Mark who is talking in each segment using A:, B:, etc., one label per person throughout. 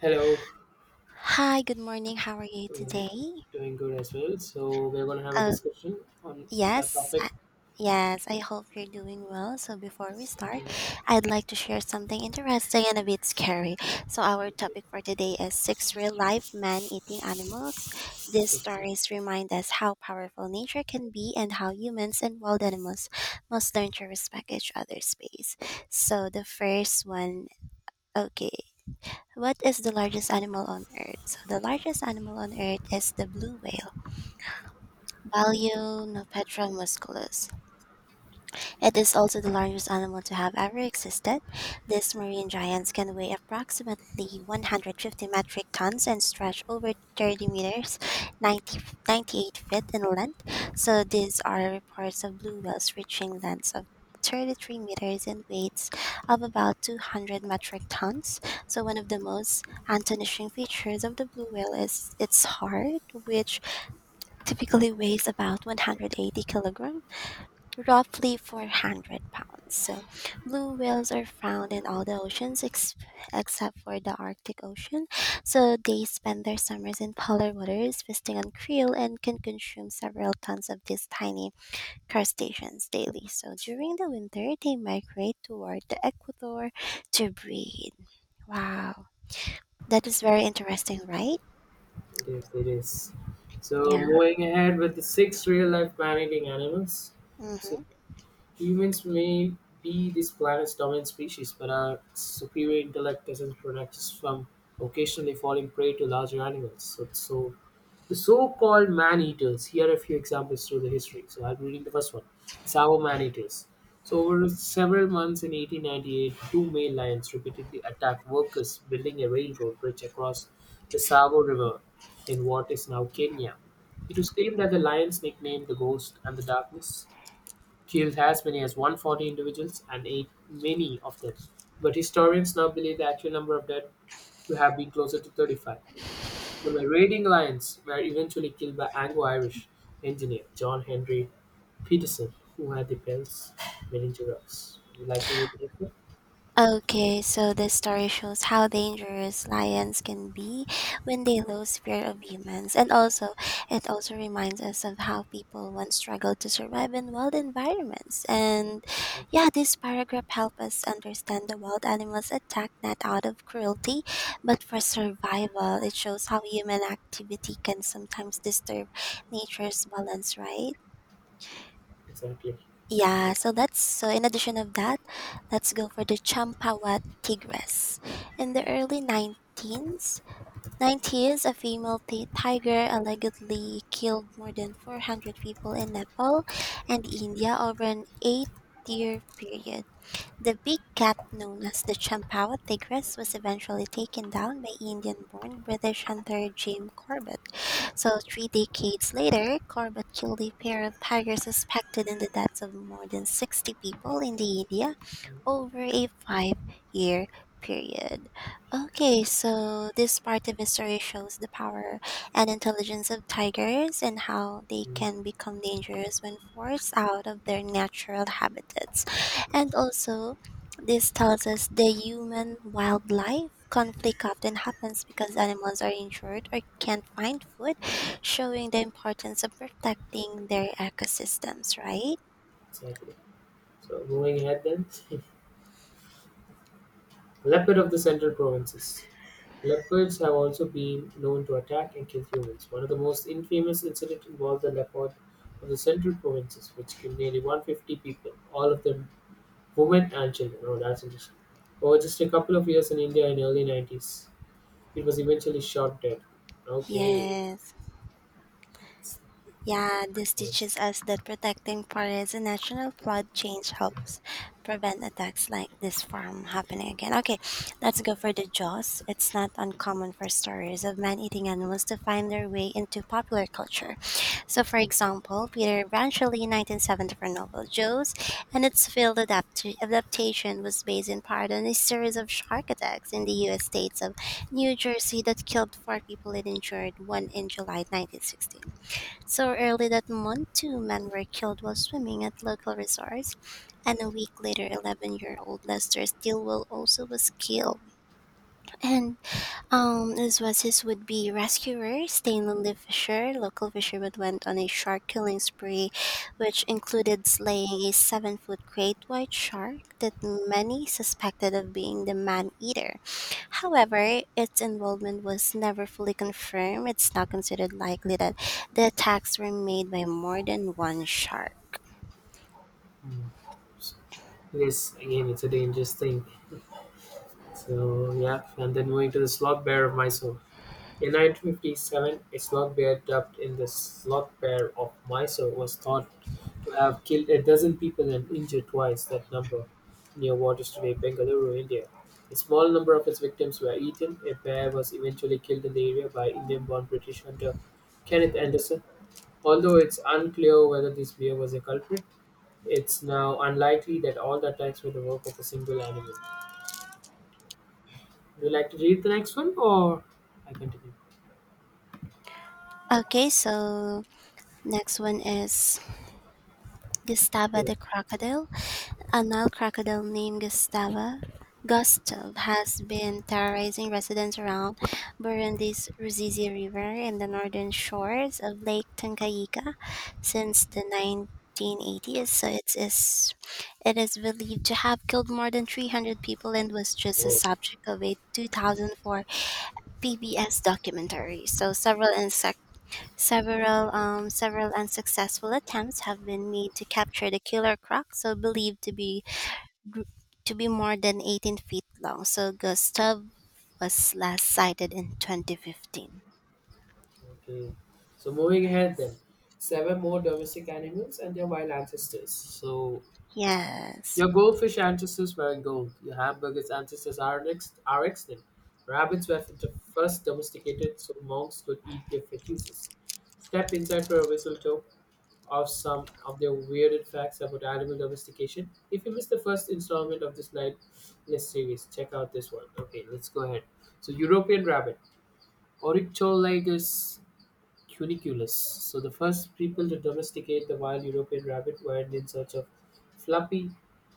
A: Hello,
B: Hi, good morning. How are you
A: I
B: today?
A: doing good as well. So we're going to have a
B: Uh,
A: discussion on that
B: yes, I,
A: topic.
B: yes, I hope you're doing well. So, before we start, I'd like to share something interesting and a bit scary. So, our topic for today is six real life man eating animals. These
A: Yes,
B: stories remind us how powerful nature can be and how humans and wild animals must learn to respect each other's space. So, the first one, okay. What is the largest animal on earth? So the largest animal on earth is the blue whale Balaenopetra musculus. It is also the largest animal to have ever existed. These marine giants can weigh approximately 150 metric tons and stretch over 30 meters, ninety ninety-eight feet in length. So these are reports of blue whales reaching lengths of 33 meters and weights of about 200 metric tons. So one of the most astonishing features of the blue whale is its heart, which typically weighs about 180 kilogram, roughly 400 pounds. So, blue whales are found in all the oceans except for the Arctic Ocean. So, they spend their summers in polar waters, feasting on krill, and can consume several tons of these tiny crustaceans daily. So, during the winter, they migrate toward the equator to breed. Wow, that is very interesting, right?
A: it is. So
B: Yeah.
A: moving ahead with the six real-life man-eating animals. So
B: Hmm.
A: humans may be this planet's dominant species, but our superior intellect doesn't protect us from occasionally falling prey to larger animals. So the so-called man-eaters. Here are a few examples through the history. So I'm reading the first one. Savo man-eaters. So over several months in 1898, two male lions repeatedly attacked workers building a railroad bridge across the Savo River in what is now Kenya. It was claimed that the lions, nicknamed the Ghost and the Darkness, killed as many as 140 individuals and ate many of them. But historians now believe the actual number of dead to have been closer to 35. The marauding lions were eventually killed by Anglo-Irish engineer John Henry Peterson, who had the Bell's meningococcus. Would you like to read the report?
B: Okay, so this story shows how dangerous lions can be when they lose fear of humans. And also, it also reminds us of how people once struggled to survive in wild environments. And
A: Exactly.
B: yeah, this paragraph helps us understand the wild animals attack not out of cruelty, but for survival. It shows how human activity can sometimes disturb nature's balance, right?
A: Exactly.
B: Yeah, so that's so in addition of that, let's go for the Champawa tigress. In the early 19s, 90s, a female tiger allegedly killed more than 400 people in Nepal and India over an 8-year period. The big cat known as the Champawa Tigress was eventually taken down by Indian born British hunter Jim Corbett. So, three decades later, Corbett killed a pair of tigers suspected in the deaths of more than 60 people in the India over a 5 year period. Okay, so this part of the story shows the power and intelligence of tigers and how they
A: Mhm.
B: can become dangerous when forced out of their natural habitats. And also, this tells us the human wildlife conflict often happens because animals are injured or can't find food, showing the importance of protecting their ecosystems, right?
A: Exactly. So moving ahead then, leopard of the central provinces. Leopards have also been known to attack and kill humans. One of the most infamous incidents involved the leopard of the central provinces, which killed nearly 150 people, all of them women and children. Oh, that's interesting. Over just a couple of years in India in early 90s, it was eventually shot dead. Okay.
B: Yes. Yeah, this
A: Yes.
B: teaches us that protecting forests and natural flood change helps prevent attacks like this from happening again. Okay, let's go for the Jaws. It's not uncommon for stories of man eating animals to find their way into popular culture. So, for example, Peter Branchely's 1974 novel Jaws and its failed adaptation was based in part on a series of shark attacks in the U.S. states of New Jersey that killed four people and injured one in July 1960. So early that month, two men were killed while swimming at local resorts, and a week later, 11-year-old Lester Stilwell also was killed. And As was his would-be rescuer, Stanley Fisher, local fishermen went on a shark killing spree, which included slaying a seven-foot great white shark that many suspected of being the man-eater. However, its involvement was never fully confirmed. It's now considered likely that the attacks were made by more than one shark.
A: Mm. Yes, again, it's a dangerous thing. So, yeah, and then moving to the slot bear of Mysore. In 1957, a slot bear dubbed in the Sloth Bear of Mysore was thought to have killed a dozen people and injured twice that number near what is today Bengaluru, India. A small number of its victims were eaten. A bear was eventually killed in the area by Indian born British hunter Kenneth Anderson. Although it's unclear whether this bear was a culprit, it's now unlikely that all the attacks were the work of a single animal. Would you like to read the next one or I continue?
B: Okay, so next one is Gustava
A: Yes.
B: the crocodile. A Nile crocodile named Gustav has been terrorizing residents around Burundi's Ruzizi River and the northern shores of Lake Tanganyika since the 1980s. It is believed to have killed more than 300 people and was just the subject of a 2004 PBS documentary. So several insect, several several unsuccessful attempts have been made to capture the killer croc, so believed to be more than 18 feet long. So Gustav was last sighted in 2015.
A: Okay, so moving ahead then, seven more domestic animals and their wild ancestors. So
B: Yes.
A: your goldfish ancestors were in gold. Your hamburger's ancestors are extinct. Rabbits were the first domesticated, so monks could eat their fetuses. Step inside for a mistletoe of some of their weirded facts about animal domestication. If you missed the first installment of this series, check out this one. Okay, let's go ahead. So European rabbit, Oryctolagus Cuniculus. So the first people to domesticate the wild European rabbit were in search of fluffy,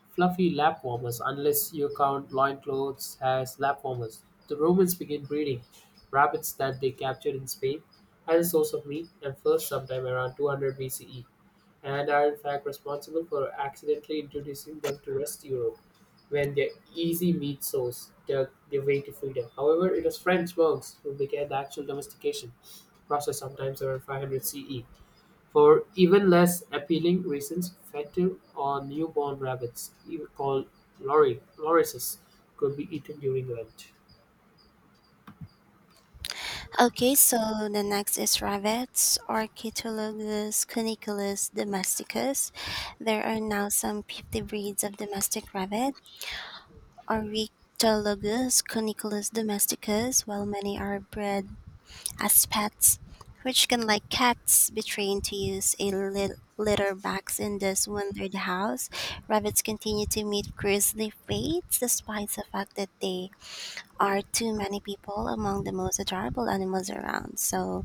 A: fluffy lap warmers, unless you count loincloths as lap warmers. The Romans began breeding rabbits that they captured in Spain as a source of meat and fur sometime around 200 BCE, and are in fact responsible for accidentally introducing them to rest Europe when their easy meat source dug their way to freedom. However, it was French monks who began the actual domestication process sometimes around 500 CE. For even less appealing reasons, fatal or newborn rabbits, even called lorises, could be eaten during Lent.
B: Okay, so the next is Ravettes, Archetologus cuniculus domesticus. There are now some 50 breeds of domestic rabbit, Archetologus cuniculus domesticus, while many are bred as pets, which can, like cats, be trained to use a litter box in this wonder the house. Rabbits continue to meet grisly fates despite the fact that they are too many people among the most adorable animals around. So,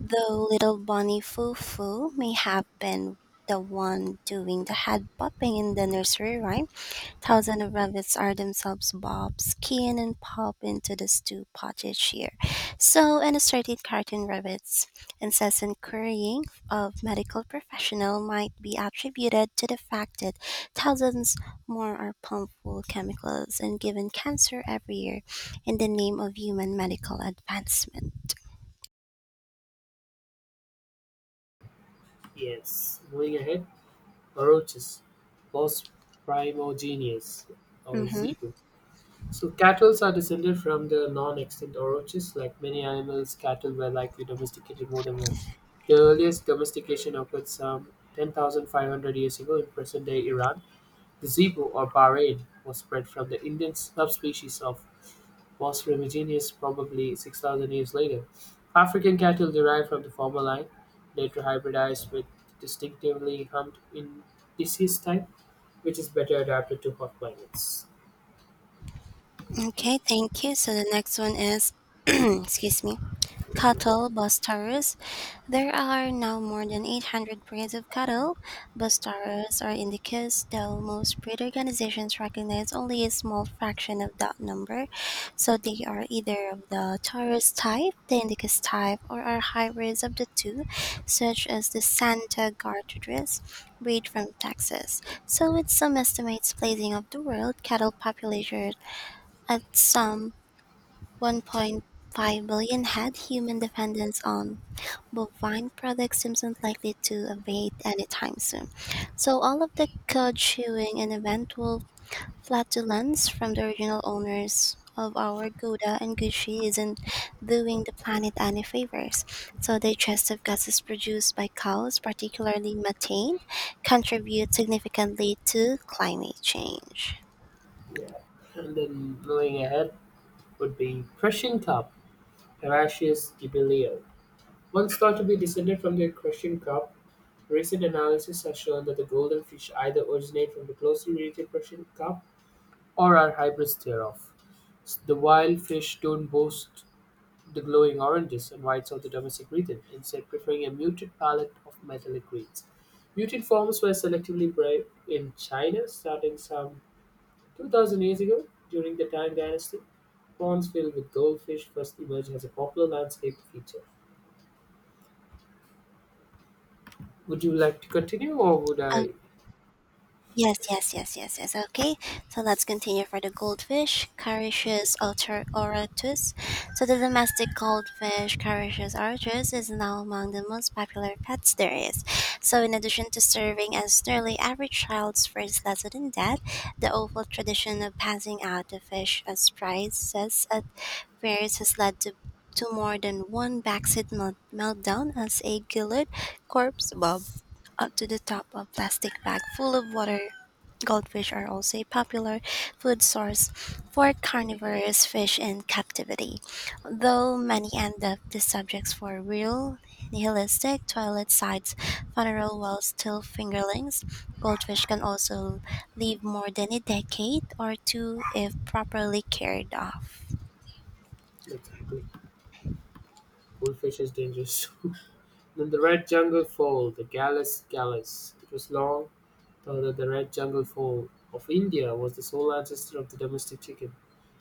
B: though little Bonny Foo Foo may have been the one doing the head bopping in the nursery rhyme, thousands of rabbits are themselves bob, skinned, and pop into the stew pot each year. So, an assorted cartoon rabbit's incessant querying of medical professional might be attributed to the fact that thousands more are pumped full of chemicals and given cancer every year in the name of human medical advancement.
A: Yes, moving ahead, roaches, Bos primogenius, or
B: Hmm.
A: zebu. So cattle are descended from the non-extinct oroches. Like many animals, cattle were likely domesticated more than once. The earliest domestication occurred some 10,500 years ago in present-day Iran. The zebu or Bahrain was bred from the Indian subspecies of Bos remiginus probably 6,000 years later. African cattle derived from the former line, later hybridized with distinctively humped in disease type, which is better adapted to hot climates.
B: Okay, thank you. So the next one is, excuse me, cattle bustarus. There are now more than 800 breeds of cattle. Bustarus are indicus, though most breed organizations recognize only a small fraction of that number. So they are either of the Taurus type, the indicus type, or are hybrids of the two, such as the Santa Gertrudis breed from Texas. So with some estimates placing of the world cattle population at some 1.5 billion head, human dependence on bovine products seems unlikely to abate anytime soon. So, all of the cud chewing and eventual flatulence from the original owners of our Gouda and Gucci isn't doing the planet any favors. So, digestive gases produced by cows, particularly methane, contribute significantly to climate change.
A: Yeah. And then moving ahead, would be Prussian Cup Heratius Gibelio. Once thought to be descended from the Prussian Cup, recent analysis has shown that the golden fish either originate from the closely related Prussian Cup or are hybrids thereof. The wild fish don't boast the glowing oranges and whites of the domestic region, instead preferring a muted palette of metallic greens. Mutant forms were selectively bred in China starting some 2,000 years ago during the Tang Dynasty. Ponds filled with goldfish first emerged as a popular landscape feature. Would you like to continue, or would I?
B: Yes, yes, yes, yes, yes. Okay, so let's continue for the goldfish,
A: Okay,
B: Carius alter oratus. So the domestic goldfish, Carius oratus, is now among the most popular pets there is. So in addition to serving as nearly every child's first lesson in death, the awful tradition of passing out the fish as prizes at fairs has led to more than one backseat meltdown as a gilded corpse bob up to the top of plastic bag full of water. Goldfish are also a popular food source for carnivorous fish in captivity, though many end up the subjects for real nihilistic toilet sites, funeral wells, till fingerlings. Goldfish can also live more than a decade or two if properly cared of.
A: exactly. Goldfish is dangerous. Then the red jungle fowl, the Gallus gallus. It was long thought that the red jungle fowl of India was the sole ancestor of the domestic chicken.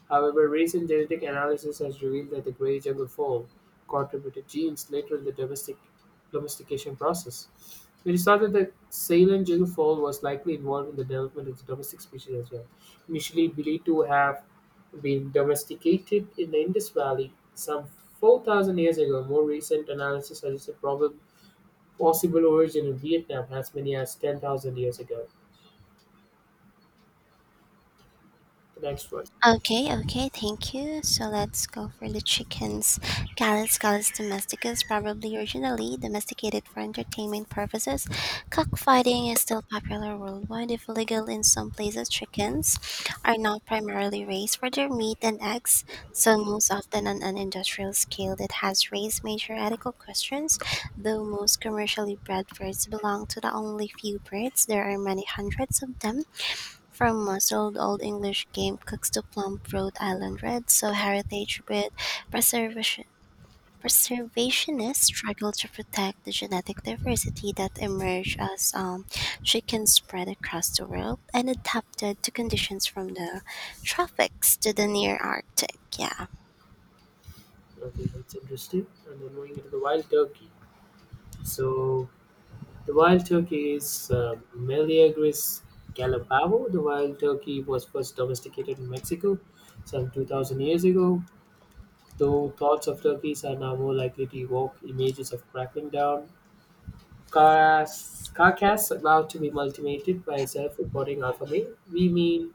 A: However, recent genetic analysis has revealed that the grey jungle fowl contributed genes later in the domestication process. It is thought that the Ceylon jungle fowl was likely involved in the development of the domestic species as well. Initially believed to have been domesticated in the Indus Valley some 4,000 years ago, more recent analysis suggests a probable possible origin in Vietnam as many as 10,000 years ago. The next one.
B: Okay, okay, thank you. So let's go for the chickens. Gallus gallus domesticus, probably originally domesticated for entertainment purposes. Cockfighting is still popular worldwide, if illegal in some places. Chickens are now primarily raised for their meat and eggs, so most often on an industrial scale that has raised major ethical questions. Though most commercially bred birds belong to the only few birds, there are many hundreds of them from muzzled Old English game cooks to plump Rhode Island reds, so heritage with preservation. Preservationists struggle to protect the genetic diversity that emerged as chickens spread across the world and adapted to conditions from the tropics to the near Arctic. Yeah.
A: Okay, that's interesting. And then moving into the wild turkey. So the wild turkey is Meleagris galopavo. The wild turkey was first domesticated in Mexico some 2,000 years ago, though thoughts of turkeys are now more likely to evoke images of crackling down carcass about to be multimated by a self-reporting alpha male. We mean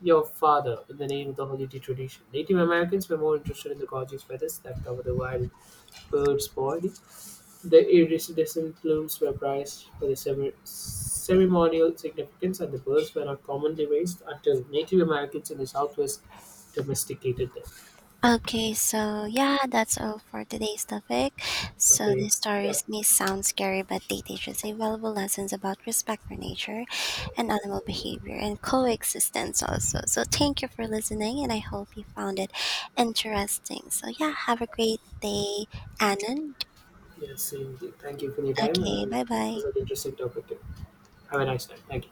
A: your father in the name of the holiday tradition. Native Americans were more interested in the gorgeous feathers that cover the wild bird's body. The iridescent plumes were prized for their ceremonial significance, and the birds were not commonly raised until Native Americans in the Southwest domesticated them.
B: Okay, so yeah, that's all for today's topic. So
A: Okay.
B: these stories
A: Yep.
B: may sound scary, but they teach us valuable lessons about respect for nature and animal behavior and coexistence also. So thank you for listening and I hope you found it interesting. So yeah, have a great day, Anand.
A: Yes. Indeed. Thank you for your time. And
B: Okay,
A: it
B: bye bye.
A: was an interesting topic. Too. Have a nice time. Thank you.